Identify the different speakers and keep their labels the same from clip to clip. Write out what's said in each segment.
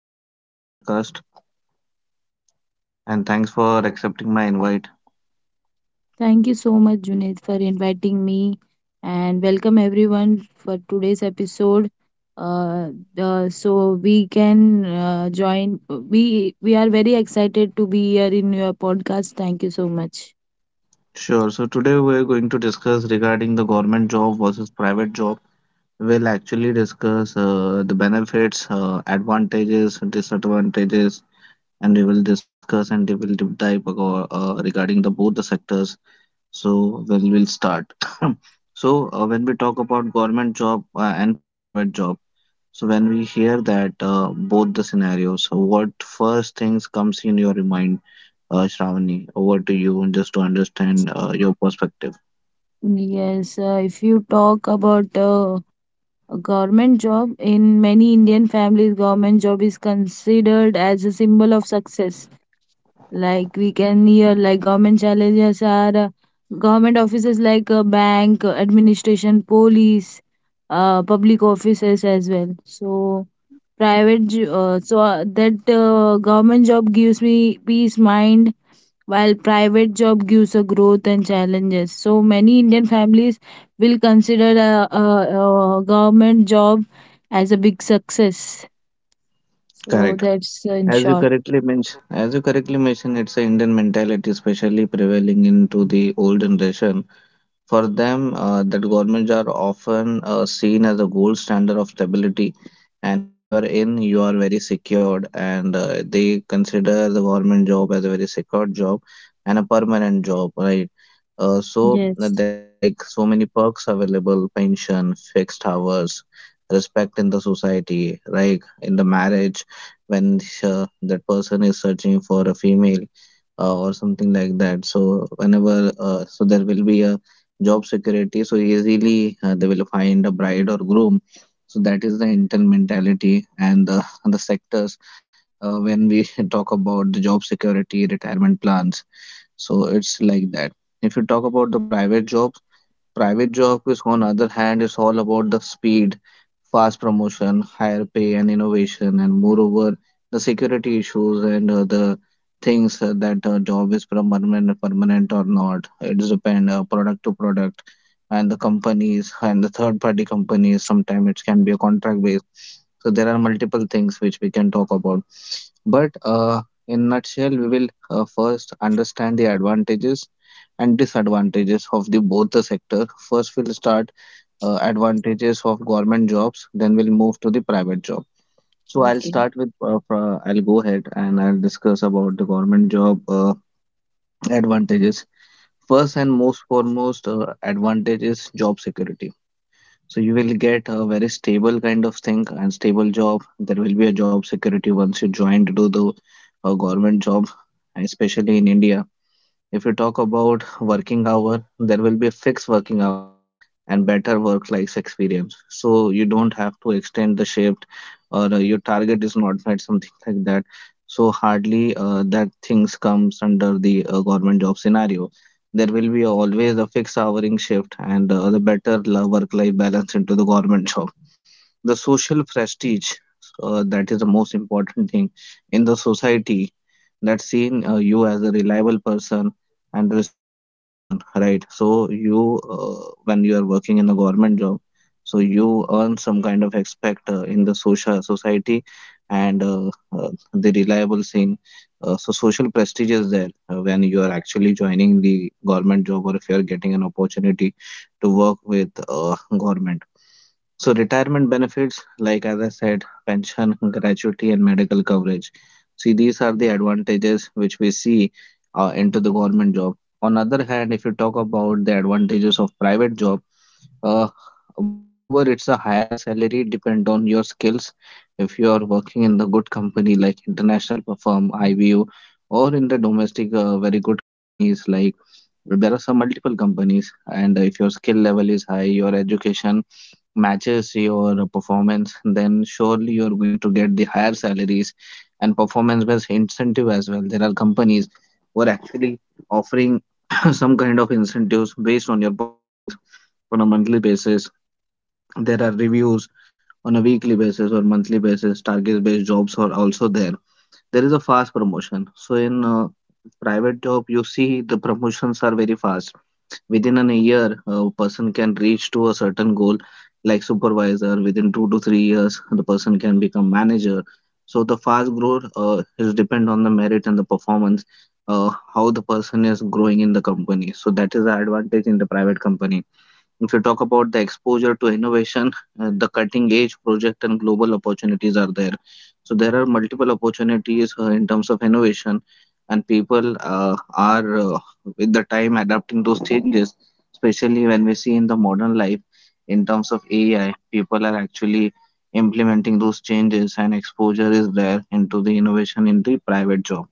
Speaker 1: Welcome to my podcast. And thanks for accepting my invite.
Speaker 2: Thank you so much, Junaid, for inviting me and welcome
Speaker 1: Thank
Speaker 2: everyone
Speaker 1: you.
Speaker 2: for today's episode. Uh, so we can join. We we are very excited to be here in your podcast. Thank you so much.
Speaker 1: Sure. So, today, we're going to discuss regarding the government job versus private job. We'll actually discuss the benefits, advantages, disadvantages, and we will discuss and we will regarding the both the sectors. So then we'll start. So when we talk about government job and private job, so when we hear that both the scenarios, so what first things comes in your mind, Shravani? Over to you, just to understand your perspective.
Speaker 2: Yes, if you talk about a government job, in many Indian families, government job is considered as a symbol of success. Like we can hear like government challenges are government offices like bank, administration, police, public offices as well. So private jo- so that government job gives me peace mind while private job gives a growth and challenges, so many Indian families will consider a government job as a big success, so
Speaker 1: Correct.
Speaker 2: that's in
Speaker 1: As you
Speaker 2: short.
Speaker 1: correctly mentioned, as you correctly mentioned, it's a Indian mentality, especially prevailing into the old generation. For them, that governments are often seen as a gold standard of stability, and if you are in, you are very secured, and they consider the government job as a very secured job and a permanent job, right?
Speaker 2: Yes
Speaker 1: There are like so many perks available: pension, fixed hours, respect in the society, like in the marriage, when that person is searching for a female or something like that. So whenever there will be a job security, so easily they will find a bride or groom, so that is the intel mentality and the sectors when we talk about the job security, retirement plans, so it's like that. If you talk about the private jobs, private job is, on other hand, is all about the speed, fast promotion, higher pay, and innovation, and moreover, the security issues and the things that job is permanent, permanent or not. It depends product to product, and the companies and the third party companies. Sometimes it can be a contract based. So there are multiple things which we can talk about. But in nutshell, we will first understand the advantages and disadvantages of the both the sector. First, we'll start advantages of government jobs. Then we'll move to the private job. So I'll
Speaker 2: Okay.
Speaker 1: start with I'll go ahead and I'll discuss about the government job advantages. First and most foremost advantage is job security. So you will get a very stable kind of thing and stable job. There will be a job security once you join to do the government job, especially in India. If you talk about working hour, there will be a fixed working hour and better work life experience. So you don't have to extend the shift or your target is not met, something like that. So hardly that things comes under the government job scenario. There will be always a fixed houring shift and the better work life balance into the government job, the social prestige, that is the most important thing in the society, that seen you as a reliable person and respected person, right? So you when you are working in a government job, so you earn some kind of respect in the social society and the reliable thing. So social prestige is there when you are actually joining the government job, or if you are getting an opportunity to work with government. So retirement benefits, like as I said, pension, gratuity, and medical coverage. See, these are the advantages which we see into the government job. On other hand, if you talk about the advantages of private job, uh, moreover, it's a higher salary depend on your skills. If you are working in the good company like firm IBU, or in the domestic very good companies like there are some multiple companies, and if your skill level is high, your education matches your performance, then surely you're going to get the higher salaries and performance based incentive as well. There are companies who are actually offering some kind of incentives based on your performance on a monthly basis. There are reviews on a weekly basis or monthly basis. Target based jobs are also there. There is a fast promotion. So in private job, you see the promotions are very fast. Within an year a person can reach to a certain goal like supervisor, within 2 to 3 years the person can become manager. So the fast growth is depend on the merit and the performance, how the person is growing in the company, so that is the advantage in the private company. If you talk about the exposure to innovation, the cutting edge project and global opportunities are there. So there are multiple opportunities in terms of innovation, and people are with the time adapting those changes, especially when we see in the modern life in terms of AI, people are actually implementing those changes and exposure is there into the innovation in the private job.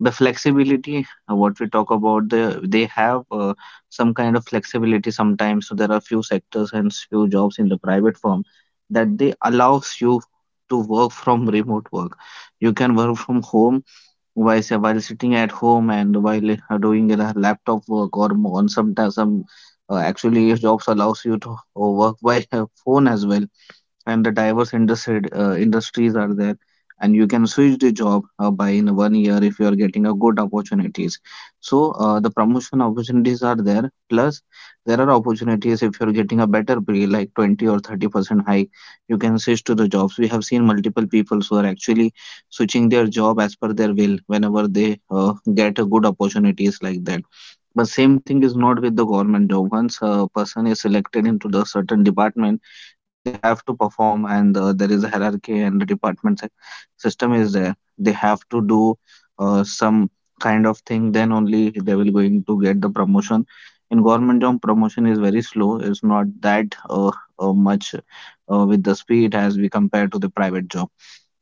Speaker 1: The flexibility what we talk about, they have some kind of flexibility sometimes. So there are few sectors and few jobs in the private firm that they allows you to work from remote work, you can work from home, while sitting at home, and while doing a laptop work, or on some actually jobs allows you to work by phone as well, and the industries are there, and you can switch the job by in one year if you are getting a good opportunities. So the promotion opportunities are there, plus there are opportunities, if you're getting a better pay like 20 or 30% hike, you can switch to the jobs. We have seen multiple people who are actually switching their job as per their will whenever they get a good opportunities like that. But same thing is not with the government job. Once a person is selected into the certain department, they have to perform and there is a hierarchy, and the system is there, they have to do some kind of thing, then only they will going to get the promotion. In government job, promotion is very slow, it's not that much with the speed as we compare to the private job.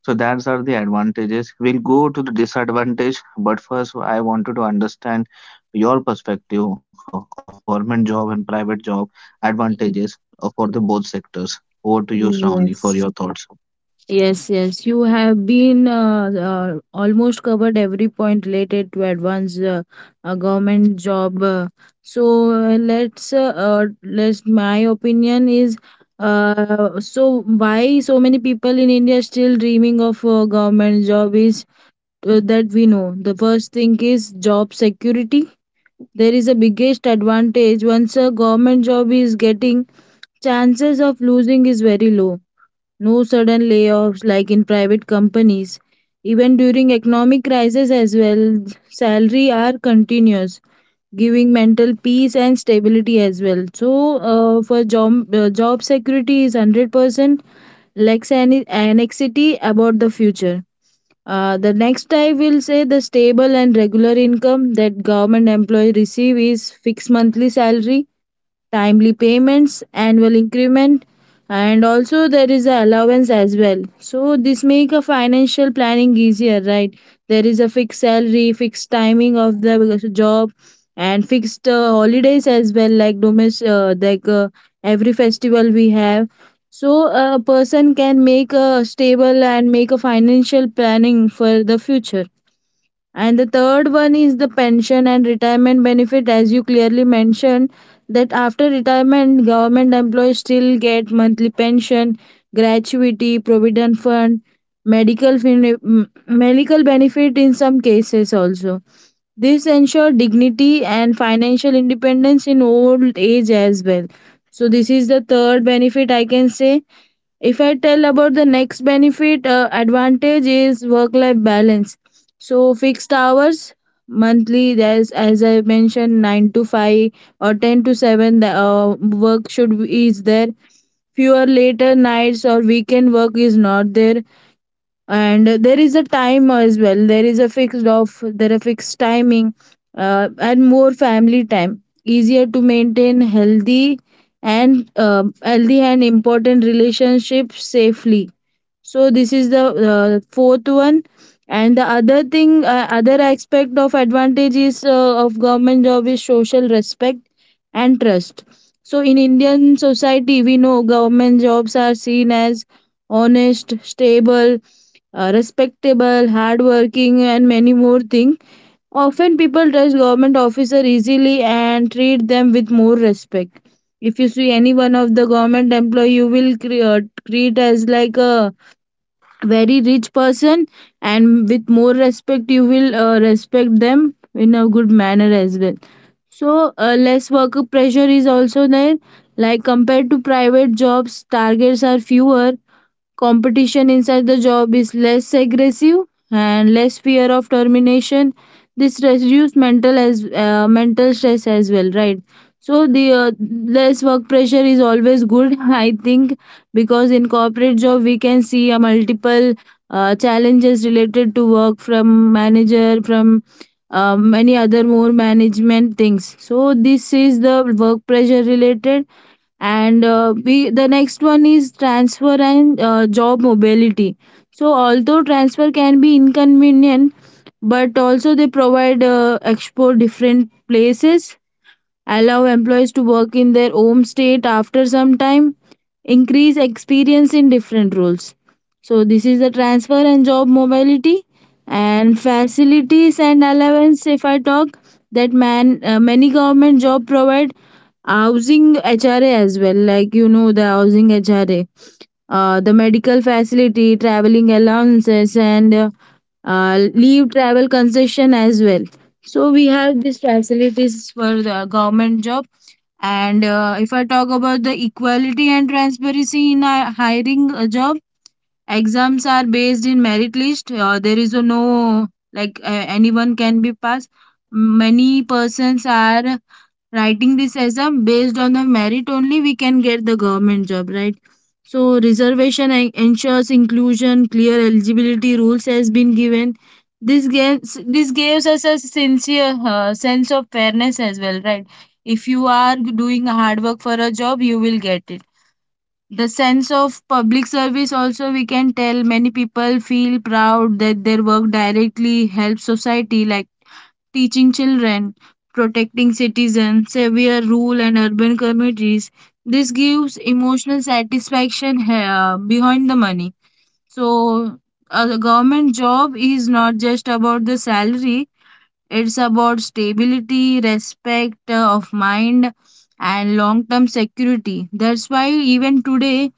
Speaker 1: So that's are the advantages. We'll go to the disadvantage, but first I wanted to understand your perspective of government job and private job, for the both sectors. Over to you, Shravani, for your
Speaker 2: Yes,
Speaker 1: thoughts.
Speaker 2: yes. You have been almost covered every point related to advanced government job. So let's. My opinion is, so why so many people in India still dreaming of a government job is that we know. The first thing is job security. There is a biggest advantage, once a government job is getting, chances of losing is very low, no sudden layoffs like in private companies. Even during economic crisis as well, salary are continuous, giving mental peace and stability as well. So for job job security is 100%, lacks any anxiety about the future. The next I will say the stable and regular income that government employee receive is fixed monthly salary, timely payments, annual increment, and also there is a allowance as well. So this make a financial planning easier, right? There is a fixed salary, fixed timing of the job, and fixed holidays as well, like domestic, like every festival we have. So a person can make a stable and make a financial planning for the future. And the third one is the pension and retirement benefit, as you clearly mentioned, that after retirement government employees still get monthly pension, gratuity, provident fund, medical benefit in some cases also. This ensure dignity and financial independence in old age as well. So this is the third benefit I can say. If I tell about the next benefit, advantage is work life balance. So fixed hours monthly. There's, as I mentioned, 9 to 5 or 10 to 7. The work should be, is there. Fewer later nights or weekend work is not there, and there is a time as well. There is a fixed off, there are fixed timing, and more family time, easier to maintain healthy and healthy and important relationships safely. So this is the fourth one. And the other thing, other aspect of advantages of government job is social respect and trust. So in Indian society, we know government jobs are seen as honest, stable, respectable, hardworking, and many more things. Often people trust government officer easily and treat them with more respect. If you see any one of the government employee, you will treat as like a very rich person, and with more respect you will respect them in a good manner as well. So less work pressure is also there. Like compared to private jobs, targets are fewer. Competition inside the job is less aggressive, and less fear of termination. This reduces mental stress as well, right? So the less work pressure is always good, I think, because in corporate job we can see a multiple challenges related to work, from manager, from many other more management things. So this is the work pressure related. And we the next one is transfer and job mobility. So although transfer can be inconvenient, but also they provide explore different places, allow employees to work in their home state after some time, increase experience in different roles. So this is the transfer and job mobility. And facilities and allowance, if I talk, that man, many government job provide housing HRA as well, like you know, the housing HRA, the medical facility, traveling allowances, and leave travel concession as well. So we have these facilities for the government job. And if I talk about the equality and transparency in hiring a job, exams are based in merit list. There is a no like anyone can be passed. Many persons are writing this as a based on the merit only. We can get the government job, right? So ensures inclusion, clear eligibility rules has been given. This gives us a sincere sense of fairness as well, right? If you are doing hard work for a job, you will get it. The sense of public service also, we can tell many people feel proud that their work directly helps society, like teaching children, protecting citizens, severe rural and urban communities. This gives emotional satisfaction behind the money. So a government job is not just about the salary, it's about stability, respect of mind, and long term security. That's why, even today,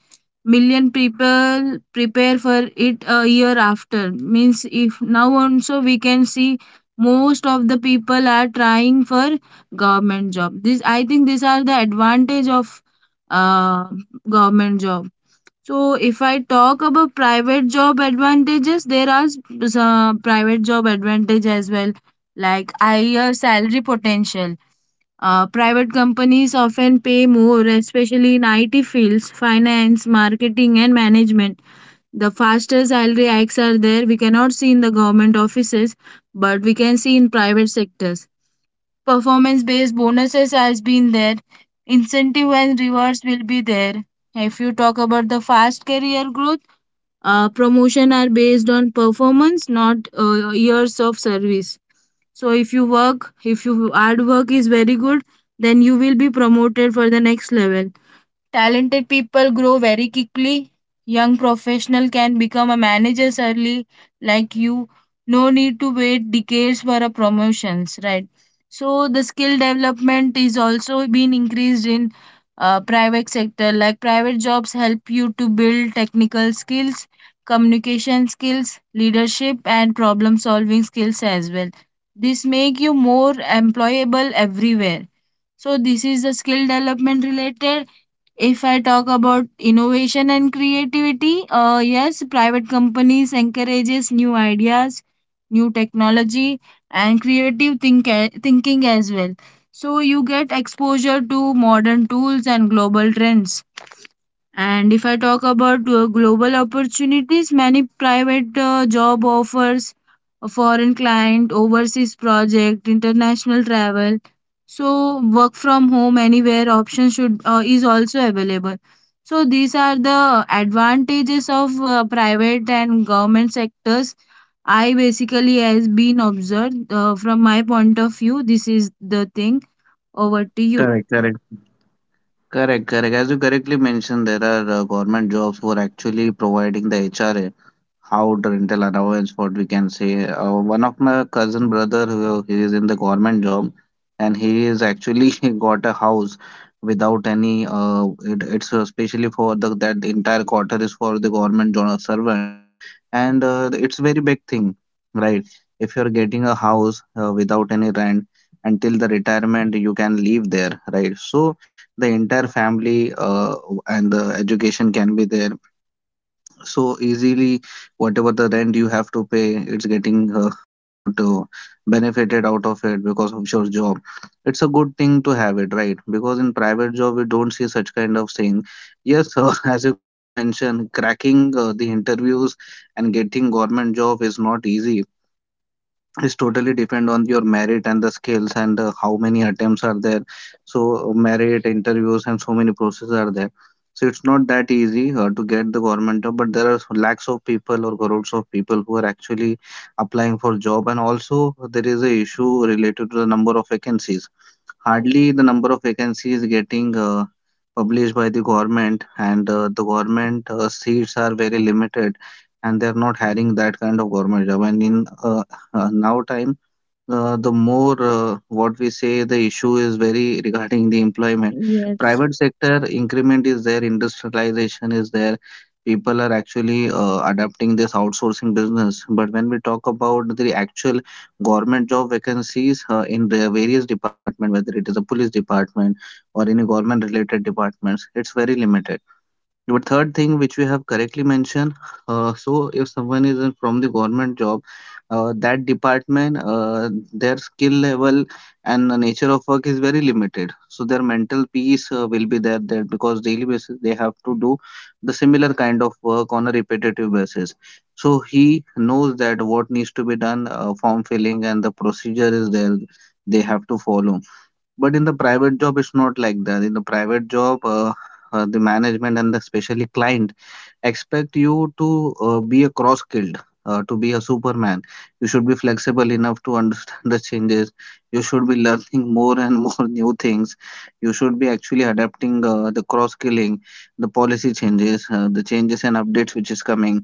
Speaker 2: million people prepare for it a year after, means if now also we can see most of the people are trying for government job. This, I think, these are the advantage of uh, government job. So if I talk about private job advantages, there are some private job advantage as well, like higher salary potential. Uh, private companies often pay more, especially in IT fields, finance, marketing, and management. The faster salary hikes are there. We cannot see in the government offices, but we can see in private sectors. Performance based bonuses has been there. Incentive and rewards will be there. If you talk about the fast career growth, promotion are based on performance, not years of service. So if you work, if you hard work is very good, then you will be promoted for the next level. Talented people grow very quickly. Young professional can become a managers early, like you. No need to wait decades for a promotions, right? So the skill development is also being increased in private sector. Like private jobs help you to build technical skills, communication skills, leadership, and problem solving skills as well. This make you more employable everywhere. So this is the skill development related. If I talk about innovation and creativity, yes, private companies encourages new ideas, new technology, and thinking as well. So you get exposure to modern tools and global trends. And if I talk about global opportunities, many private job offers, a foreign client, overseas project, international travel. So work from home anywhere option should is also available. So these are the advantages of private and government sectors. I basically has been observed from my point of view. This is the thing. Over to you.
Speaker 1: Correct, correct, correct. As you correctly mentioned, there are government jobs who are actually providing the HRA, how the rental allowance what we can say. One of my cousin brother who he is in the government job, and he is actually got a house without any it's especially for the, that entire quarter is for the servants, and it's very big thing, right? If you're getting a house without any rent, until the retirement you can live there, right? So the entire family and the education can be there so easily, whatever the rent you have to pay, it's getting what benefited out of it because of your job. It's a good thing to have it, right? Because in private job we don't see such kind of thing. Yes, as you correctly mentioned, cracking the interviews and getting government job is not easy. It's totally depend on your merit and the skills, and how many attempts are there. So merit, interviews and so many processes are there, so it's not that easy to get the government job. But there are lakhs of people or crores of people who are actually applying for job, and also there is a issue related to the number of vacancies. Hardly the number of vacancies getting published by the government, and the government seats are very limited, and they're not hiring that kind of government job. And in now time, the more what we say, the issue is very regarding the employment.
Speaker 2: Yes,
Speaker 1: Private sector increment is there, industrialization is there, people are actually adapting this outsourcing business. But when we talk about the actual government job vacancies in the various department, whether it is a police department or any government related departments, it's very limited. Your third thing which we have correctly mentioned, so if someone is from the government job, that department, their skill level and the nature of work is very limited. So their mental peace will be there, because daily basis they have to do the similar kind of work on a repetitive basis. So he knows that what needs to be done, form filling and the procedure is there they have to follow. But in the private job, it's not like that. In the private job, the management and the especially client expect you to be a cross skilled, to be a superman. You should be flexible enough to understand the changes. You should be learning more and more new things. You should be actually adapting the cross skilling, the policy changes, the changes and updates which is coming.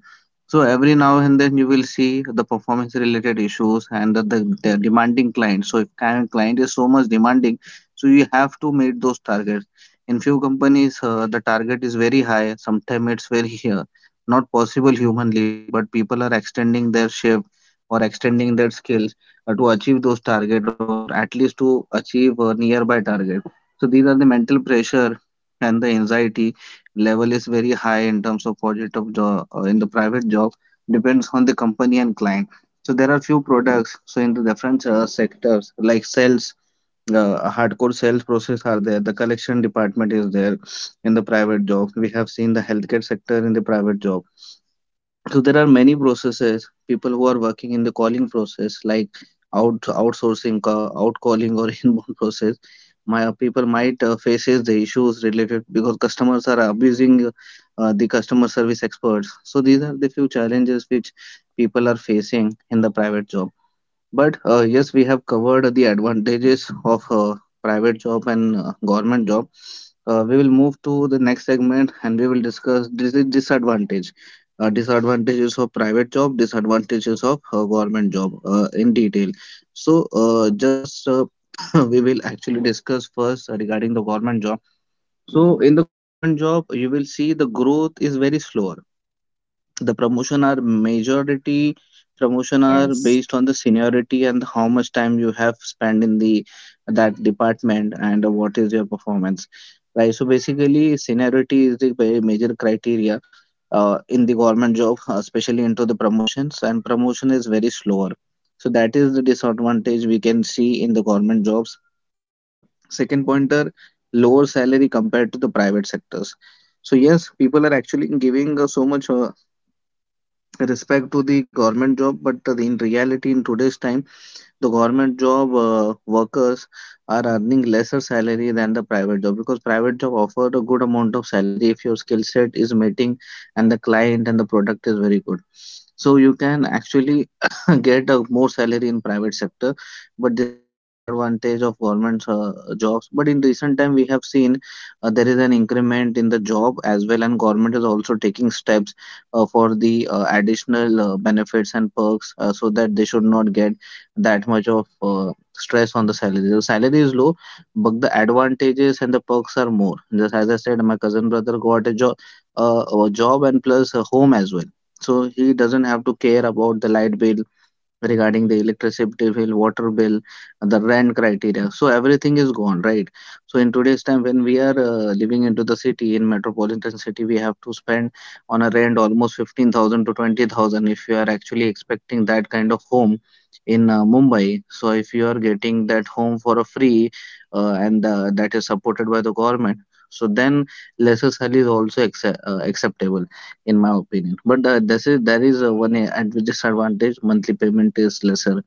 Speaker 1: So every now and then you will see the performance related issues and the demanding client. So if client is so much demanding, so you have to meet those targets in few companies. The target is very high, sometimes it's very not possible humanly, but people are extending their shift or extending their skills to achieve those target, or at least to achieve a nearby target. So these are the mental pressure, and the anxiety level is very high in terms of project of job, in the private job. Depends on the company and client. So there are few products, so in the different sectors like sales, hardcore sales process are there, the collection department is there. In the private job, we have seen the healthcare sector. In the private job, so there are many processes. People who are working in the calling process, like outcalling or inbound process, my people might faces the issues related because customers are abusing the customer service experts. So these are the few challenges which people are facing in the private job. But yes, we have covered the advantages of private job and government job. We will move to the next segment, and we will discuss disadvantage. Disadvantages of private job, disadvantages of government job in detail. So just we will actually discuss first regarding the government job. So in the government job, you will see the growth is very slower, the promotion are majority, promotion are
Speaker 2: yes.
Speaker 1: based on the seniority and how much time you have spent in the that department, and what is your performance, right? So basically seniority is the major criteria in the government job, especially into the promotions, and promotion is very slower. So that is the disadvantage we can see in the government jobs. Second pointer, lower salary compared to the private sectors. So yes, people are actually giving so much respect to the government job, but in reality in today's time, the government job workers are earning lesser salary than the private job, because private job offer a good amount of salary if your skill set is meeting, and the client and the product is very good. So you can actually get a more salary in private sector. But this is a disadvantage of government jobs. But in recent time, we have seen there is an increment in the job as well, and government is also taking steps for the additional benefits and perks, so that they should not get that much of stress on the salary. The salary is low, but the advantages and the perks are more. Just as I said, my cousin brother got a job and plus a home as well. So he doesn't have to care about the light bill, regarding the electricity bill, water bill, the rent criteria. So everything is gone, right? So in today's time, when we are living into the city, in metropolitan city, we have to spend on a rent almost 15,000 to 20,000 if you are actually expecting that kind of home in Mumbai. So if you are getting that home for a free and that is supported by the government, so then lesser salary is also acceptable in my opinion. But this is, there is one disadvantage: monthly payment is lesser.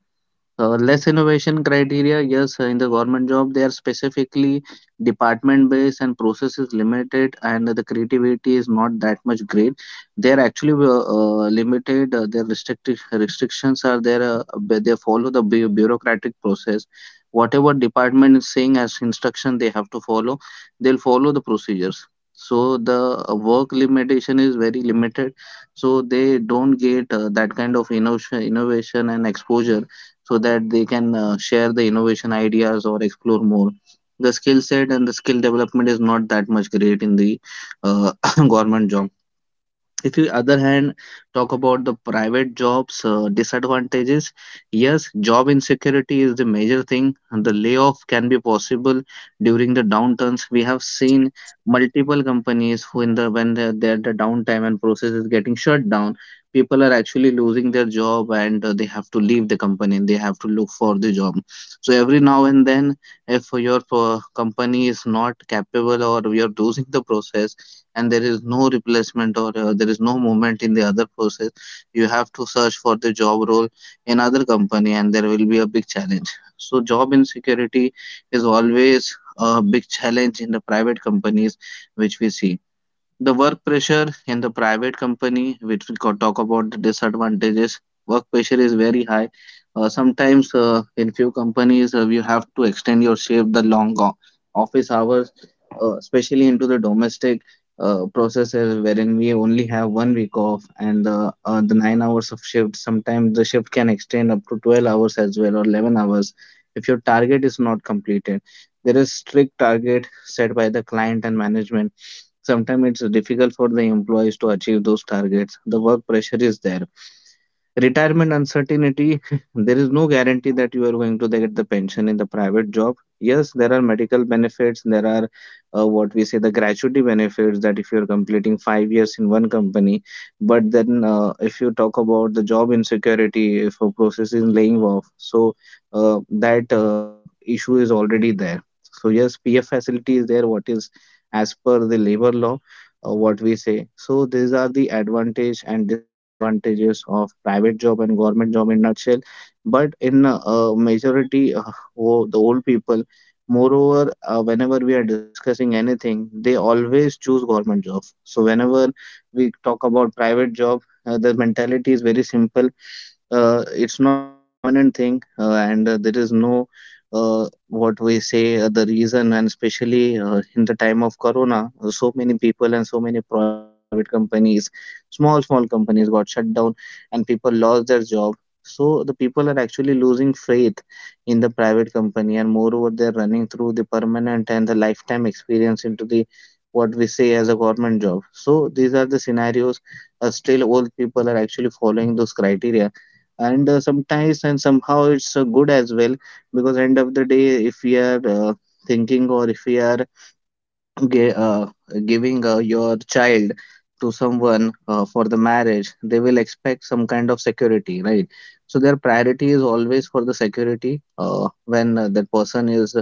Speaker 1: Less innovation criteria, yes, in the government job, they are specifically department based, and process is limited, and the creativity is not that much great. They are actually limited, their restrictive restrictions are there, but they follow the bureaucratic process. Whatever department is saying as instruction, they have to follow, they'll follow the procedures. So the work limitation is very limited. So they don't get that kind of innovation, innovation and exposure, so that they can share the innovation ideas or explore more. The skill set and the skill development is not that much great in the uh, government job. If you other hand talk about the private jobs disadvantages, yes, job insecurity is the major thing. The layoff can be possible during the downturns. We have seen multiple companies who in the when they're at the downtime, and process is getting shut down, people are actually losing their job, and they have to leave the company. They have to look for the job. So every now and then, if your company is not capable, or you're losing the process, and there is no replacement, or there is no movement in the other process, you have to search for the job role in other company, and there will be a big challenge. So job insecurity is always a big challenge in the private companies, which we see. The work pressure in the private company, which we could talk about the disadvantages, work pressure is very high. Sometimes in few companies, you have to extend your shift, the long office hours, especially into the domestic processes wherein we only have 1 week off, and the 9 hours of shift. Sometimes the shift can extend up to 12 hours as well, or 11 hours, if your target is not completed. There is strict target set by the client and management. Sometimes it's difficult for the employees to achieve those targets. The work pressure is there. Retirement uncertainty. There is no guarantee that you are going to get the pension in the private job. Yes, there are medical benefits, there are what we say the gratuity benefits, that if you're completing 5 years in one company. But then if you talk about the job insecurity, if a process is laying off, so that issue is already there. So yes, PF facility is there, what is as per the labor law, what we say. So these are the advantage and disadvantages of private job and government job in nutshell. But in majority, the old people, moreover, whenever we are discussing anything, they always choose government job. So whenever we talk about private job, the mentality is very simple. It's not permanent thing, and there is no what we say the reason. And especially in the time of corona, so many people and so many private companies, small small companies got shut down, and people lost their job. So the people are actually losing faith in the private company, and moreover they're running through the permanent and the lifetime experience into the what we say as a government job. So these are the scenarios. Still old people are actually following those criteria, and sometimes and somehow it's good as well, because end of the day, if we are thinking, or if we are gi- uh, giving your child to someone for the marriage, they will expect some kind of security, right? So their priority is always for the security. When that person is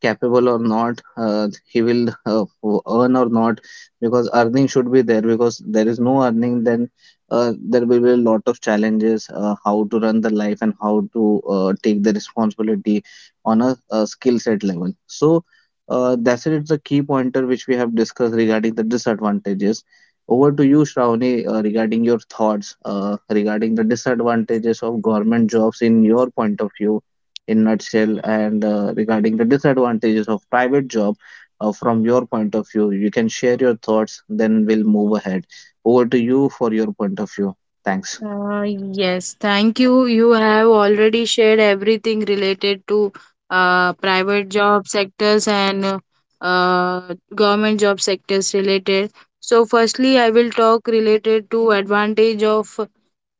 Speaker 1: capable or not, he will earn or not, because earning should be there. Because there is no earning, then there will be a lot of challenges. How to run the life, and how to take the responsibility on a skill set level. So that's it. It's the key pointer which we have discussed regarding the disadvantages. Over to you, Shravani, regarding your thoughts regarding the disadvantages of government jobs in your point of view, in nutshell, and regarding the disadvantages of private job from your point of view. You can share your thoughts, then we'll move ahead. Over to you for your point of view. Thanks.
Speaker 2: Yes, thank you. You have already shared everything related to private job sectors and government job sectors related. So firstly, I will talk related to advantage of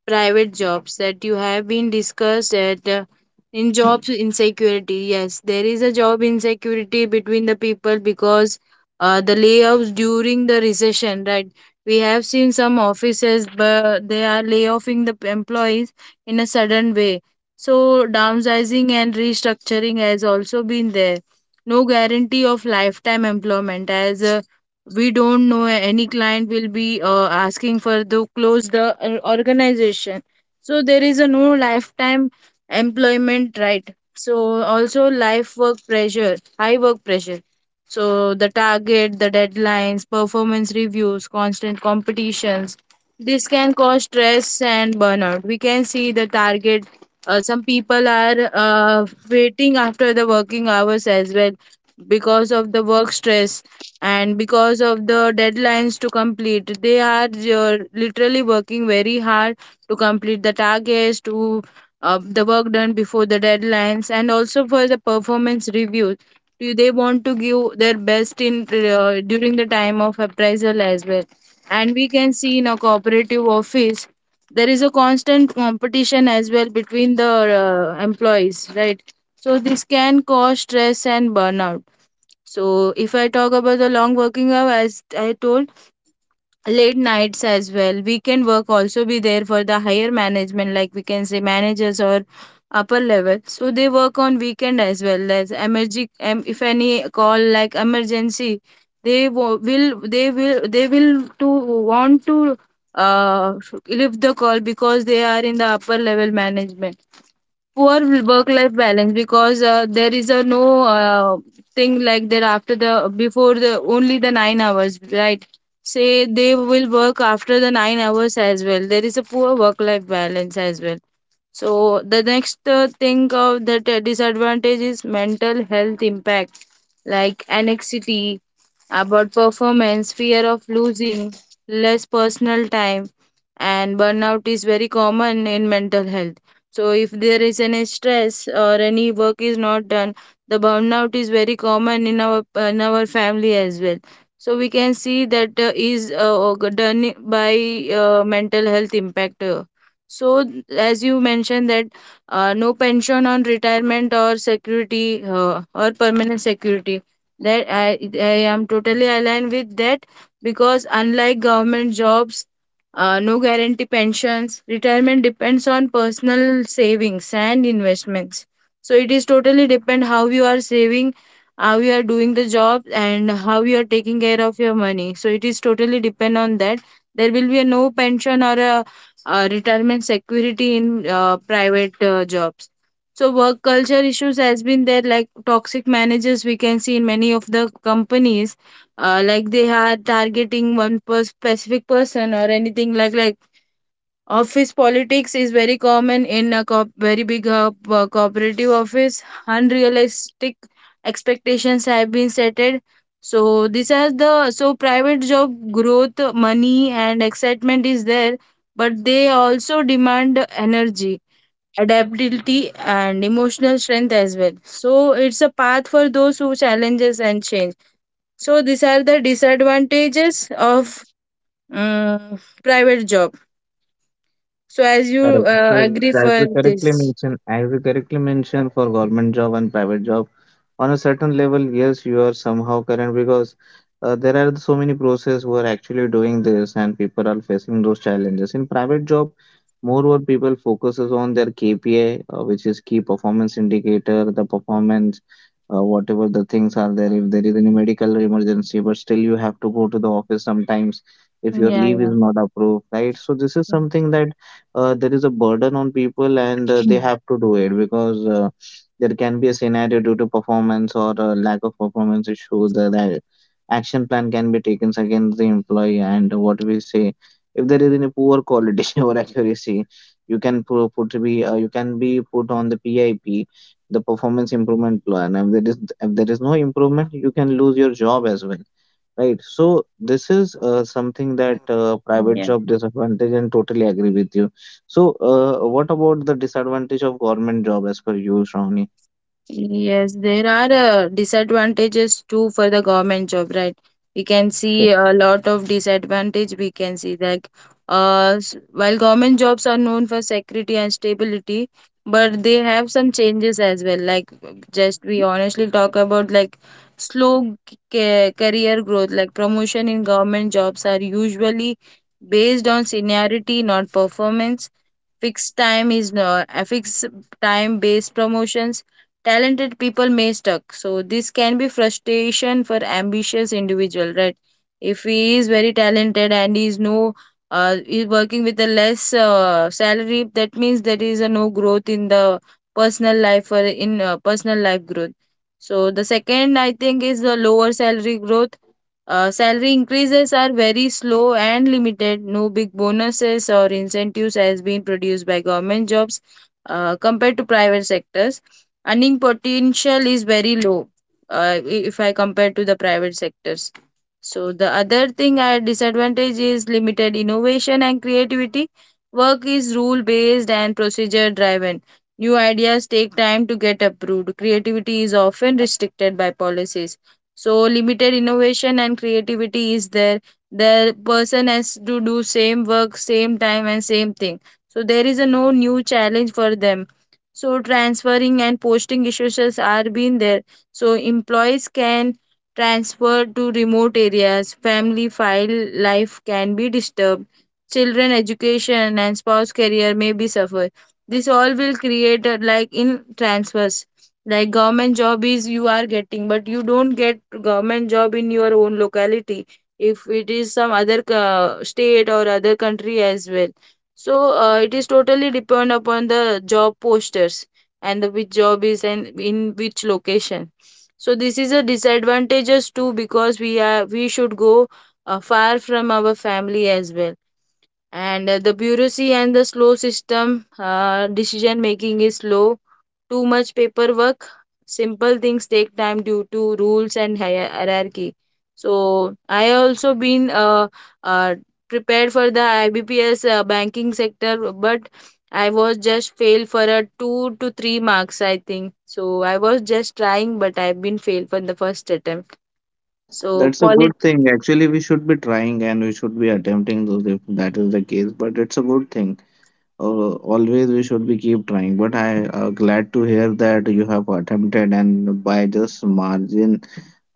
Speaker 2: private jobs that you have been discussed at. In jobs insecurity, yes, there is a job insecurity between the people because the layoffs during the recession, right? We have seen some offices, but they are layoffing the employees in a sudden way. So downsizing and restructuring has also been there. No guarantee of lifetime employment, as we don't know any client will be asking for to close the organization. So there is a no lifetime employment, right? So also life work pressure, high work pressure. So the target, the deadlines, performance reviews, constant competitions, this can cause stress and burnout. We can see the target, some people are waiting after the working hours as well because of the work stress, and because of the deadlines to complete, they are literally working very hard to complete the targets, to the work done before the deadlines, and also for the performance reviews. Do they want to give their best in during the time of appraisal as well? And we can see in a cooperative office there is a constant competition as well between the employees, right? So this can cause stress and burnout. So if I talk about the long working hour, as I told, late nights as well, weekend work also be there for the higher management, like we can say managers or upper level. So they work on weekend as well as emergency. If any call like emergency, they wo- will they will they will to want to uh leave the call because they are in the upper level management. Poor work life balance because there is a no thing like that after the before the only the 9 hours, right? Say they will work after the 9 hours as well. There is a poor work life balance as well. So the next thing of that disadvantage is mental health impact, like anxiety about performance, fear of losing, less personal time, and burnout is very common in mental health. So if there is any stress or any work is not done, the burnout is very common in our family as well. So we can see that is done by mental health impact. So, as you mentioned that no pension on retirement or security or permanent security, that I am totally aligned with that because unlike government jobs, no guarantee pensions, retirement depends on personal savings and investments. So it is totally depend how you are saving, how you are doing the job, and how you are taking care of your money. So it is totally depend on that. There will be a no pension or a retirement security in private jobs. So work culture issues has been there, like toxic managers we can see in many of the companies, like they are targeting one per specific person or anything like office politics is very common in a very big cooperative office. Unrealistic expectations have been set. So this has the so private job growth, money and excitement is there, but they also demand energy, adaptability and emotional strength as well. So it's a path for those who challenges and change. So these are the disadvantages of private job so as you
Speaker 1: Correct. So
Speaker 2: agree
Speaker 1: as you
Speaker 2: for
Speaker 1: correctly
Speaker 2: this.
Speaker 1: mentioned, as you correctly mentioned for government job and private job, on a certain level, yes, you are somehow current, because there are so many process who are actually doing this, and people are facing those challenges. In private job, more what people focuses on their KPI, which is key performance indicator, the performance, whatever the things are there. If there is any medical emergency, but still you have to go to the office sometimes if your
Speaker 2: Yeah,
Speaker 1: leave
Speaker 2: yeah.
Speaker 1: is not approved, right? So this is something that there is a burden on people, and they
Speaker 2: Yeah.
Speaker 1: have to do it, because there can be a scenario due to performance or lack of performance issue, that action plan can be taken against the employee, and what we say, if there is any poor quality or accuracy, you can be put on the PIP, the performance improvement plan. If there is no improvement, you can lose your job as well. Right. So this is something that private
Speaker 2: Yeah.
Speaker 1: job disadvantage, and totally agree with you. So what about the disadvantage of government job as per you, Shravani?
Speaker 2: Yes, there are disadvantages too for the government job, right? We can
Speaker 1: Sure.
Speaker 2: see a lot of disadvantage. We can see like, while government jobs are known for security and stability, but they have some changes as well. Just we honestly talk about like slow career growth. Like promotion in government jobs are usually based on seniority, not performance. Fixed time is not a fixed time based promotions. Talented people may stuck, so this can be frustration for ambitious individual, right? If he is very talented and he is no is working with a less salary, that means there is a no growth in the personal life or in personal life growth. So the second I think is the lower salary growth. Salary increases are very slow and limited. No big bonuses or incentives has been produced by government jobs compared to private sectors. Earning potential is very low uh, if I compare to the private sectors. So the other thing I disadvantage is limited innovation and creativity. Work is rule based and procedure driven. New ideas take time to get approved. Creativity is often restricted by policies, so limited innovation and creativity is there. The person has to do same work same time and same thing, so there is a no new challenge for them. So transferring and posting issues are being there, so employees can transfer to remote areas. Family file life can be disturbed. Children education and spouse career may be suffered. This all will create a, like in transfers, like government job is you are getting but you don't get government job in your own locality if it is some other state or other country as well. So it is totally depend upon the job posters and the which job is and in which location. So this is a disadvantages too because we should go far from our family as well. And the bureaucracy and the slow system, decision making is slow, too much paperwork. Simple things take time due to rules and hierarchy. So I also been uh, prepared for the ibps banking sector, but I was just failed for a 2 to 3 marks I think. So I was just trying, but I've been failed for the first attempt. So
Speaker 1: That's a
Speaker 2: polit
Speaker 1: good thing. Actually, we should be trying, and we should be attempting those if that is the case. But it's a good thing. Always we should be keep trying. But I glad to hear that you have attempted, and by just margin,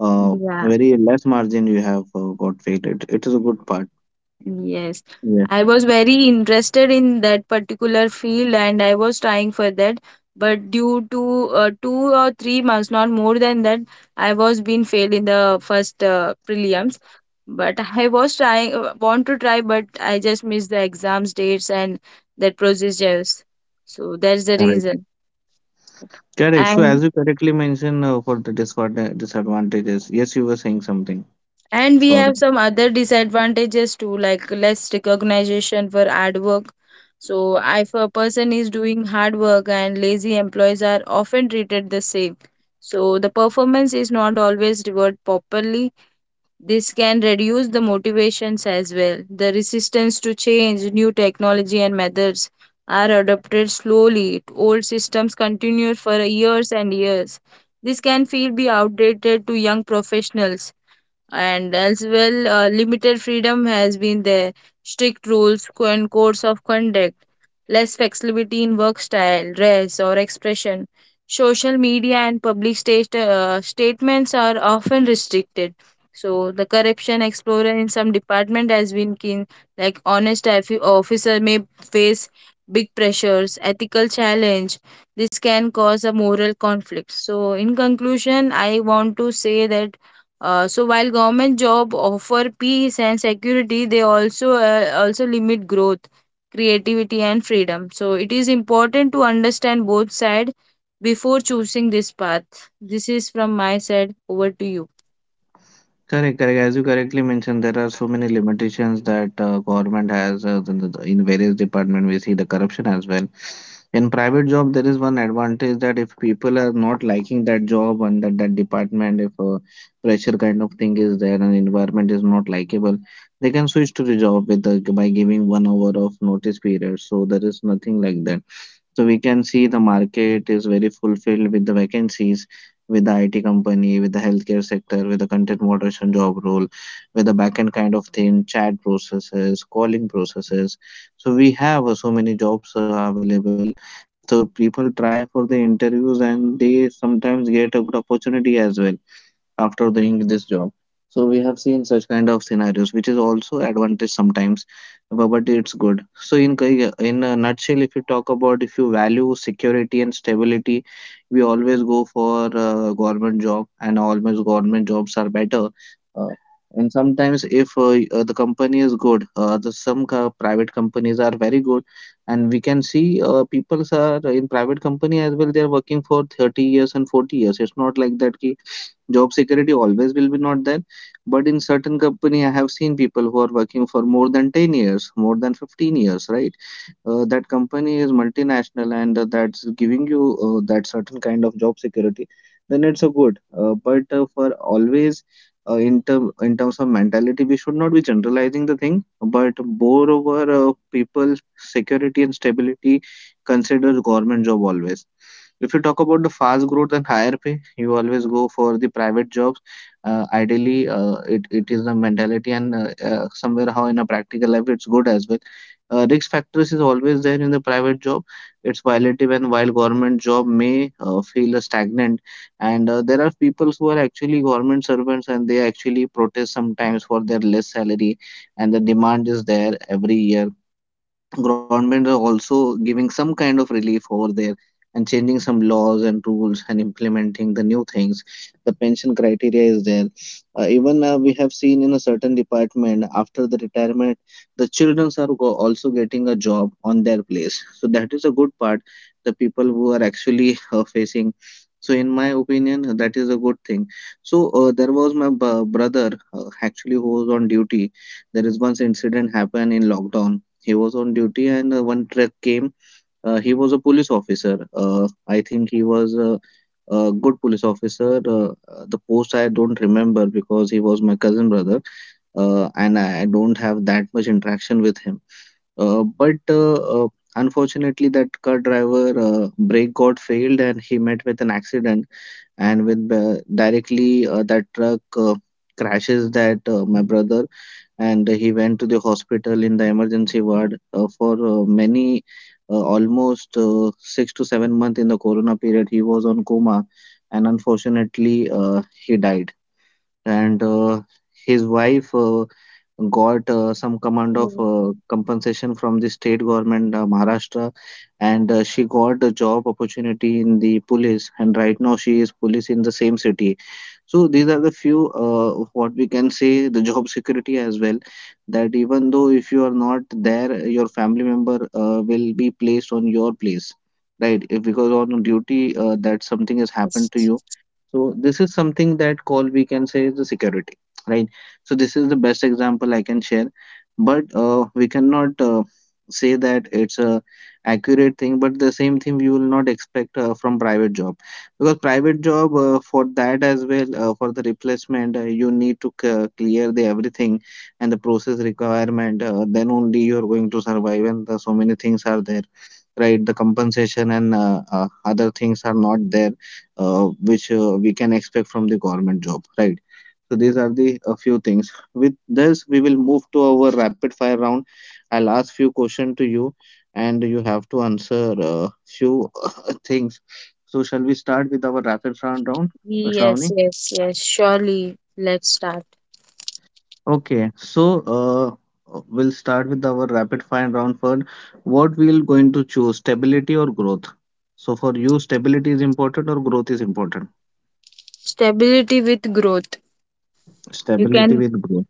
Speaker 2: yeah.
Speaker 1: very less margin you have got failed. It is a good part.
Speaker 2: Yes,
Speaker 1: Yes.
Speaker 2: I was very interested in that particular field and I was trying for that. But due to 2 or 3 months, not more than that, I was being failed in the first prelims. But I was trying, want to try, but I just missed the exams dates and that procedures. So that's the reason.
Speaker 1: Correct. So,
Speaker 2: And
Speaker 1: as you correctly mentioned for the disadvantages, yes, you were saying something.
Speaker 2: And we
Speaker 1: Sorry.
Speaker 2: have some other disadvantages too, like less recognition for hard work. So, if a person is doing hard work and lazy employees are often treated the same. So, the performance is not always rewarded properly. This can reduce the motivations as well. The resistance to change, new technology and methods are adopted slowly. Old systems continue for years and years. This can feel be outdated to young professionals. And as well limited freedom has been there. Strict rules and codes of conduct, less flexibility in work style, dress or expression. Social media and public statements are often restricted. So the corruption explorer in some department has been keen, like honest officer may face big pressures, ethical challenge. This can cause a moral conflict. So in conclusion I want to say that so while government job offer peace and security, they also also limit growth, creativity, and freedom. So it is important to understand both sides before choosing this path. This is from my side. Over to you.
Speaker 1: Correct, correct. As you correctly mentioned, there are so many limitations that government has, in various department. We see the corruption as well. In private job, there is one advantage that if people are not liking that job and that department, if pressure kind of thing is there, and environment is not likable, they can switch to the job by giving 1 hour of notice period. So there is nothing like that. So we can see the market is very fulfilled with the vacancies, with the IT company, with the healthcare sector, with the content moderation job role, with the backend kind of thing, chat processes, calling processes. So we have so many jobs available. So people try for the interviews, and they sometimes get a good opportunity as well after doing this job. So we have seen such kind of scenarios, which is also advantage sometimes. But it's good. So in a nutshell, if you talk about, if you value security and stability, we always go for government job, and always government jobs are better. uh, and sometimes if the company is good, private companies are very good, and we can see people are in private company as well, they are working for 30 years and 40 years. It's not like that ki job security always will be not there, but in certain company, I have seen people who are working for more than 10 years, more than 15 years, right? That company is multinational, and that's giving you that certain kind of job security, then it's a good. But for always, in terms of mentality, we should not be generalizing the thing. But moreover, people security and stability considers government job always. If you talk about the fast growth and higher pay, you always go for the private jobs. Ideally, it is the mentality, and somewhere how in a practical life, it's good as well. Risk factors is always there in the private job. It's violative, and while government job may feel stagnant, and there are people who are actually government servants, and they actually protest sometimes for their less salary, and the demand is there every year. Government are also giving some kind of relief over there, and changing some laws and rules and implementing the new things. The pension criteria is there. Even we have seen in a certain department, after the retirement, the children are also getting a job on their place, so that is a good part. The people who are actually facing. So in my opinion, that is a good thing. So there was my brother actually who was on duty. There is once incident happened in lockdown. He was on duty, and one truck came. He was a police officer. I think he was a good police officer. The post I don't remember, because he was my cousin brother, and I don't have that much interaction with him. But unfortunately, that car driver brake got failed, and he met with an accident, and when directly that truck crashes that my brother, and he went to the hospital in the emergency ward for many almost 6 to 7 months in the corona period. He was on coma, and unfortunately he died. And his wife got some command of
Speaker 2: Mm.
Speaker 1: compensation from the state government, Maharashtra. And she got a job opportunity in the police, and right now she is police in the same city. So these are the few, what we can say, the job security as well, that even though if you are not there, your family member will be placed on your place, right, if because on duty that something has
Speaker 2: Yes,
Speaker 1: happened to you. So this is something that call we can say is the security, right? So this is the best example I can share, but we cannot say that it's a accurate thing. But the same thing we will not expect from private job, because private job, for that as well, for the replacement, you need to clear the everything and the process requirement. Then only you are going to survive, and so many things are there, right? The compensation and other things are not there, uh, which we can expect from the government job, right? So these are the a few things. With this, we will move to our rapid fire round. I'll ask few questions to you, and you have to answer few things. So shall we start with our rapid fire round,
Speaker 2: yes,
Speaker 1: Shravani?
Speaker 2: yes, yes. Surely, let's start.
Speaker 1: Okay. So we'll start with our rapid fire round first. What we'll going to choose, stability or growth? So for you, stability is important or growth is important?
Speaker 2: Stability with growth. You
Speaker 1: Stability
Speaker 2: can,
Speaker 1: with growth.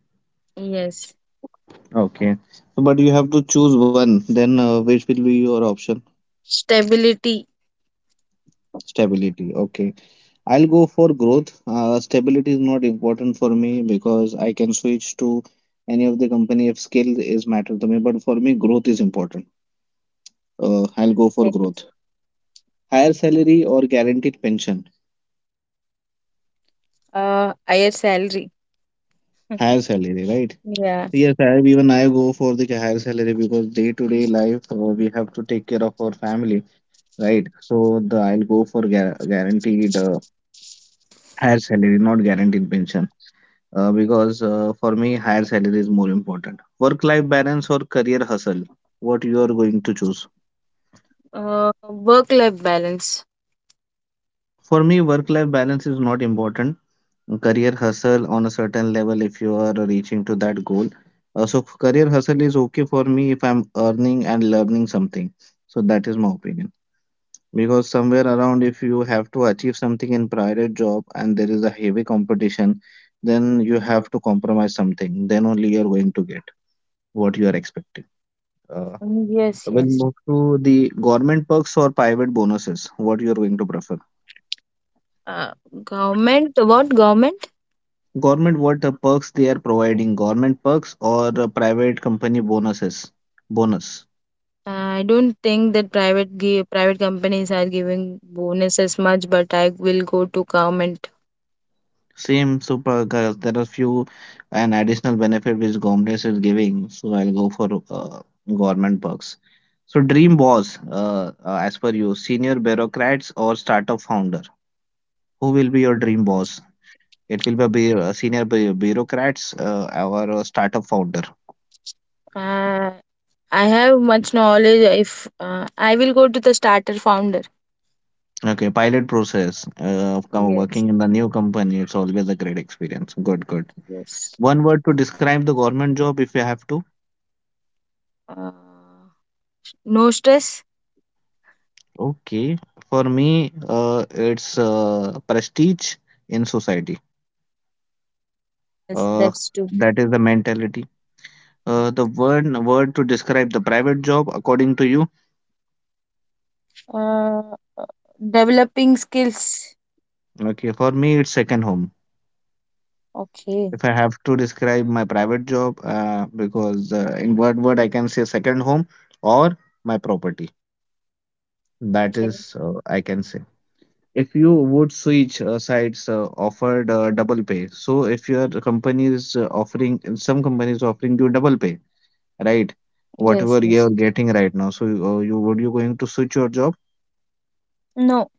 Speaker 2: yes,
Speaker 1: Okay. So, but you have to choose one. Then which will be your option?
Speaker 2: stability.
Speaker 1: Stability. Okay. I'll go for growth. Stability is not important for me, because I can switch to any of the company if skill is matter to me. But for me, growth is important. I'll go for
Speaker 2: Okay.
Speaker 1: growth. Higher salary or guaranteed pension?
Speaker 2: Higher salary.
Speaker 1: Higher salary, right?
Speaker 2: Yeah.
Speaker 1: Yes, I even I go for the higher salary, because day to day life, we have to take care of our family, right? So the I'll go for guaranteed, higher salary, not guaranteed pension. Because for me, higher salary is more important. Work-life balance or career hustle? What you are going to choose?
Speaker 2: Work-life balance.
Speaker 1: For me, work-life balance is not important. Career hustle on a certain level if you are reaching to that goal. So career hustle is okay for me if I'm earning and learning something. So that is my opinion. Because somewhere around, if you have to achieve something in private job and there is a heavy competition, then you have to compromise something. Then only you are going to get what you are expecting. Uh,
Speaker 2: Mm, yes,
Speaker 1: we'll
Speaker 2: yes.
Speaker 1: move to the government perks or private bonuses. What you are going to prefer?
Speaker 2: Uh, Government, what government?
Speaker 1: Government, what perks they are providing? Government perks or private company bonuses? Bonus.
Speaker 2: I don't think that private gi private companies are giving bonuses much, but I will go to government.
Speaker 1: Same super guys. There are few and additional benefit which government is giving. So I'll go for government perks. So dream boss, as per you, senior bureaucrats or startup founder. Who will be your dream boss? It will be a senior bureaucrats or a startup founder.
Speaker 2: Uh, I have much knowledge. If I will go to the starter founder.
Speaker 1: Okay, pilot process.
Speaker 2: Yes,
Speaker 1: Working in the new company, it's always a great experience. Good, good.
Speaker 2: yes.
Speaker 1: One word to describe the government job if you have to.
Speaker 2: Uh, no stress.
Speaker 1: Okay, for me, it's prestige in society.
Speaker 2: Yes,
Speaker 1: Uh,
Speaker 2: that's true.
Speaker 1: that is the mentality. The word to describe the private job according to you.
Speaker 2: Uh, Developing skills.
Speaker 1: Okay, for me, it's second home.
Speaker 2: Okay,
Speaker 1: If I have to describe my private job, because in word I can say second home, or my property. That
Speaker 2: okay.
Speaker 1: is, I can say. If you would switch sites, offered double pay. So if your company is offering, some companies offering you double pay, right?
Speaker 2: Yes,
Speaker 1: Whatever
Speaker 2: yes.
Speaker 1: you're getting right now. So you would you going to switch your job?
Speaker 2: No.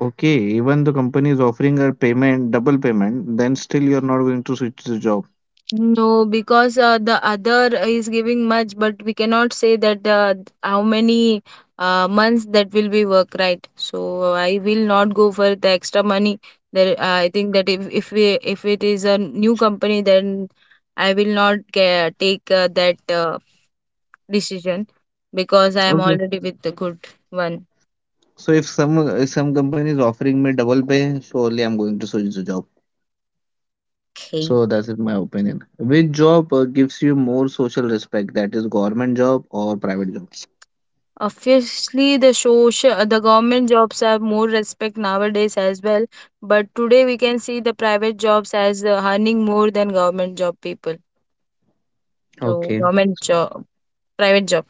Speaker 1: Okay, even the company is offering a payment, double payment, then still you're not going to switch the job.
Speaker 2: No, because the other is giving much, but we cannot say that how many months that will be work, right? So I will not go for the extra money. There, I think that if it is a new company, then I will not ca take that decision because I am
Speaker 1: Okay.
Speaker 2: already with the good one.
Speaker 1: So if some company is offering me double pay, surely I'm going to switch the job.
Speaker 2: Okay.
Speaker 1: So that is my opinion. Which job gives you more social respect? That is government job or private jobs?
Speaker 2: Obviously, the social, the government jobs have more respect nowadays as well. But today we can see the private jobs as earning more than government job people. So
Speaker 1: Okay.
Speaker 2: government job, private job.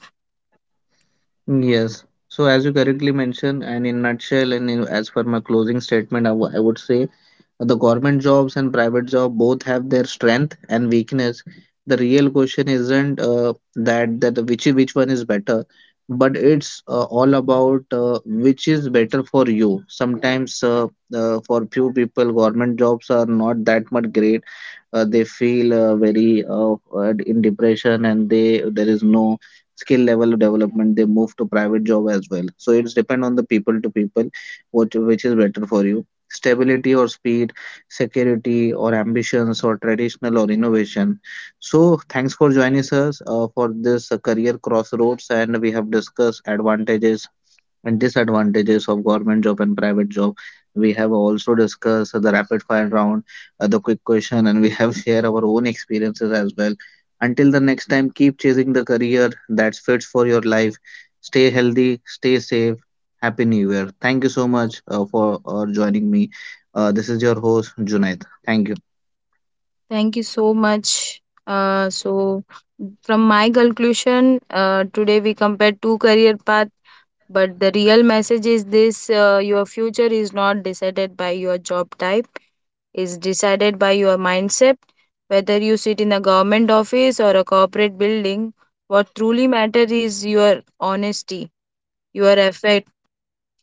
Speaker 1: Yes. So as you correctly mentioned, and in nutshell, and in, as per my closing statement, I would say the government jobs and private job both have their strength and weakness. The real question isn't that which one is better, but it's all about which is better for you. Sometimes for few people, government jobs are not that much great. They feel very in depression, and they there is no skill level of development. They move to private job as well, so it's depend on the people to people, what, which is better for you, stability or speed, security or ambitions or traditional or innovation. So thanks for joining us for this career crossroads, and we have discussed advantages and disadvantages of government job and private job. We have also discussed the rapid fire round, the quick question, and we have shared our own experiences as well. Until the next time, keep chasing the career that fits for your life. Stay healthy, stay safe. Happy New Year. Thank you so much for joining me. This is your host, Junaid. Thank you.
Speaker 2: Thank you so much. So from my conclusion, today we compared two career paths. But the real message is this: your future is not decided by your job type, is decided by your mindset. Whether you sit in a government office or a corporate building, what truly matters is your honesty, your effort,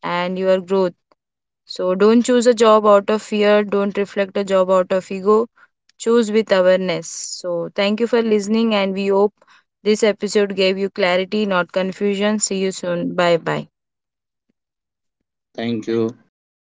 Speaker 2: and your growth. So don't choose a job out of fear, don't reflect a job out of ego, choose with awareness. So thank you for listening, and we hope this episode gave you clarity, not confusion. See you soon. Bye bye.
Speaker 1: Thank you.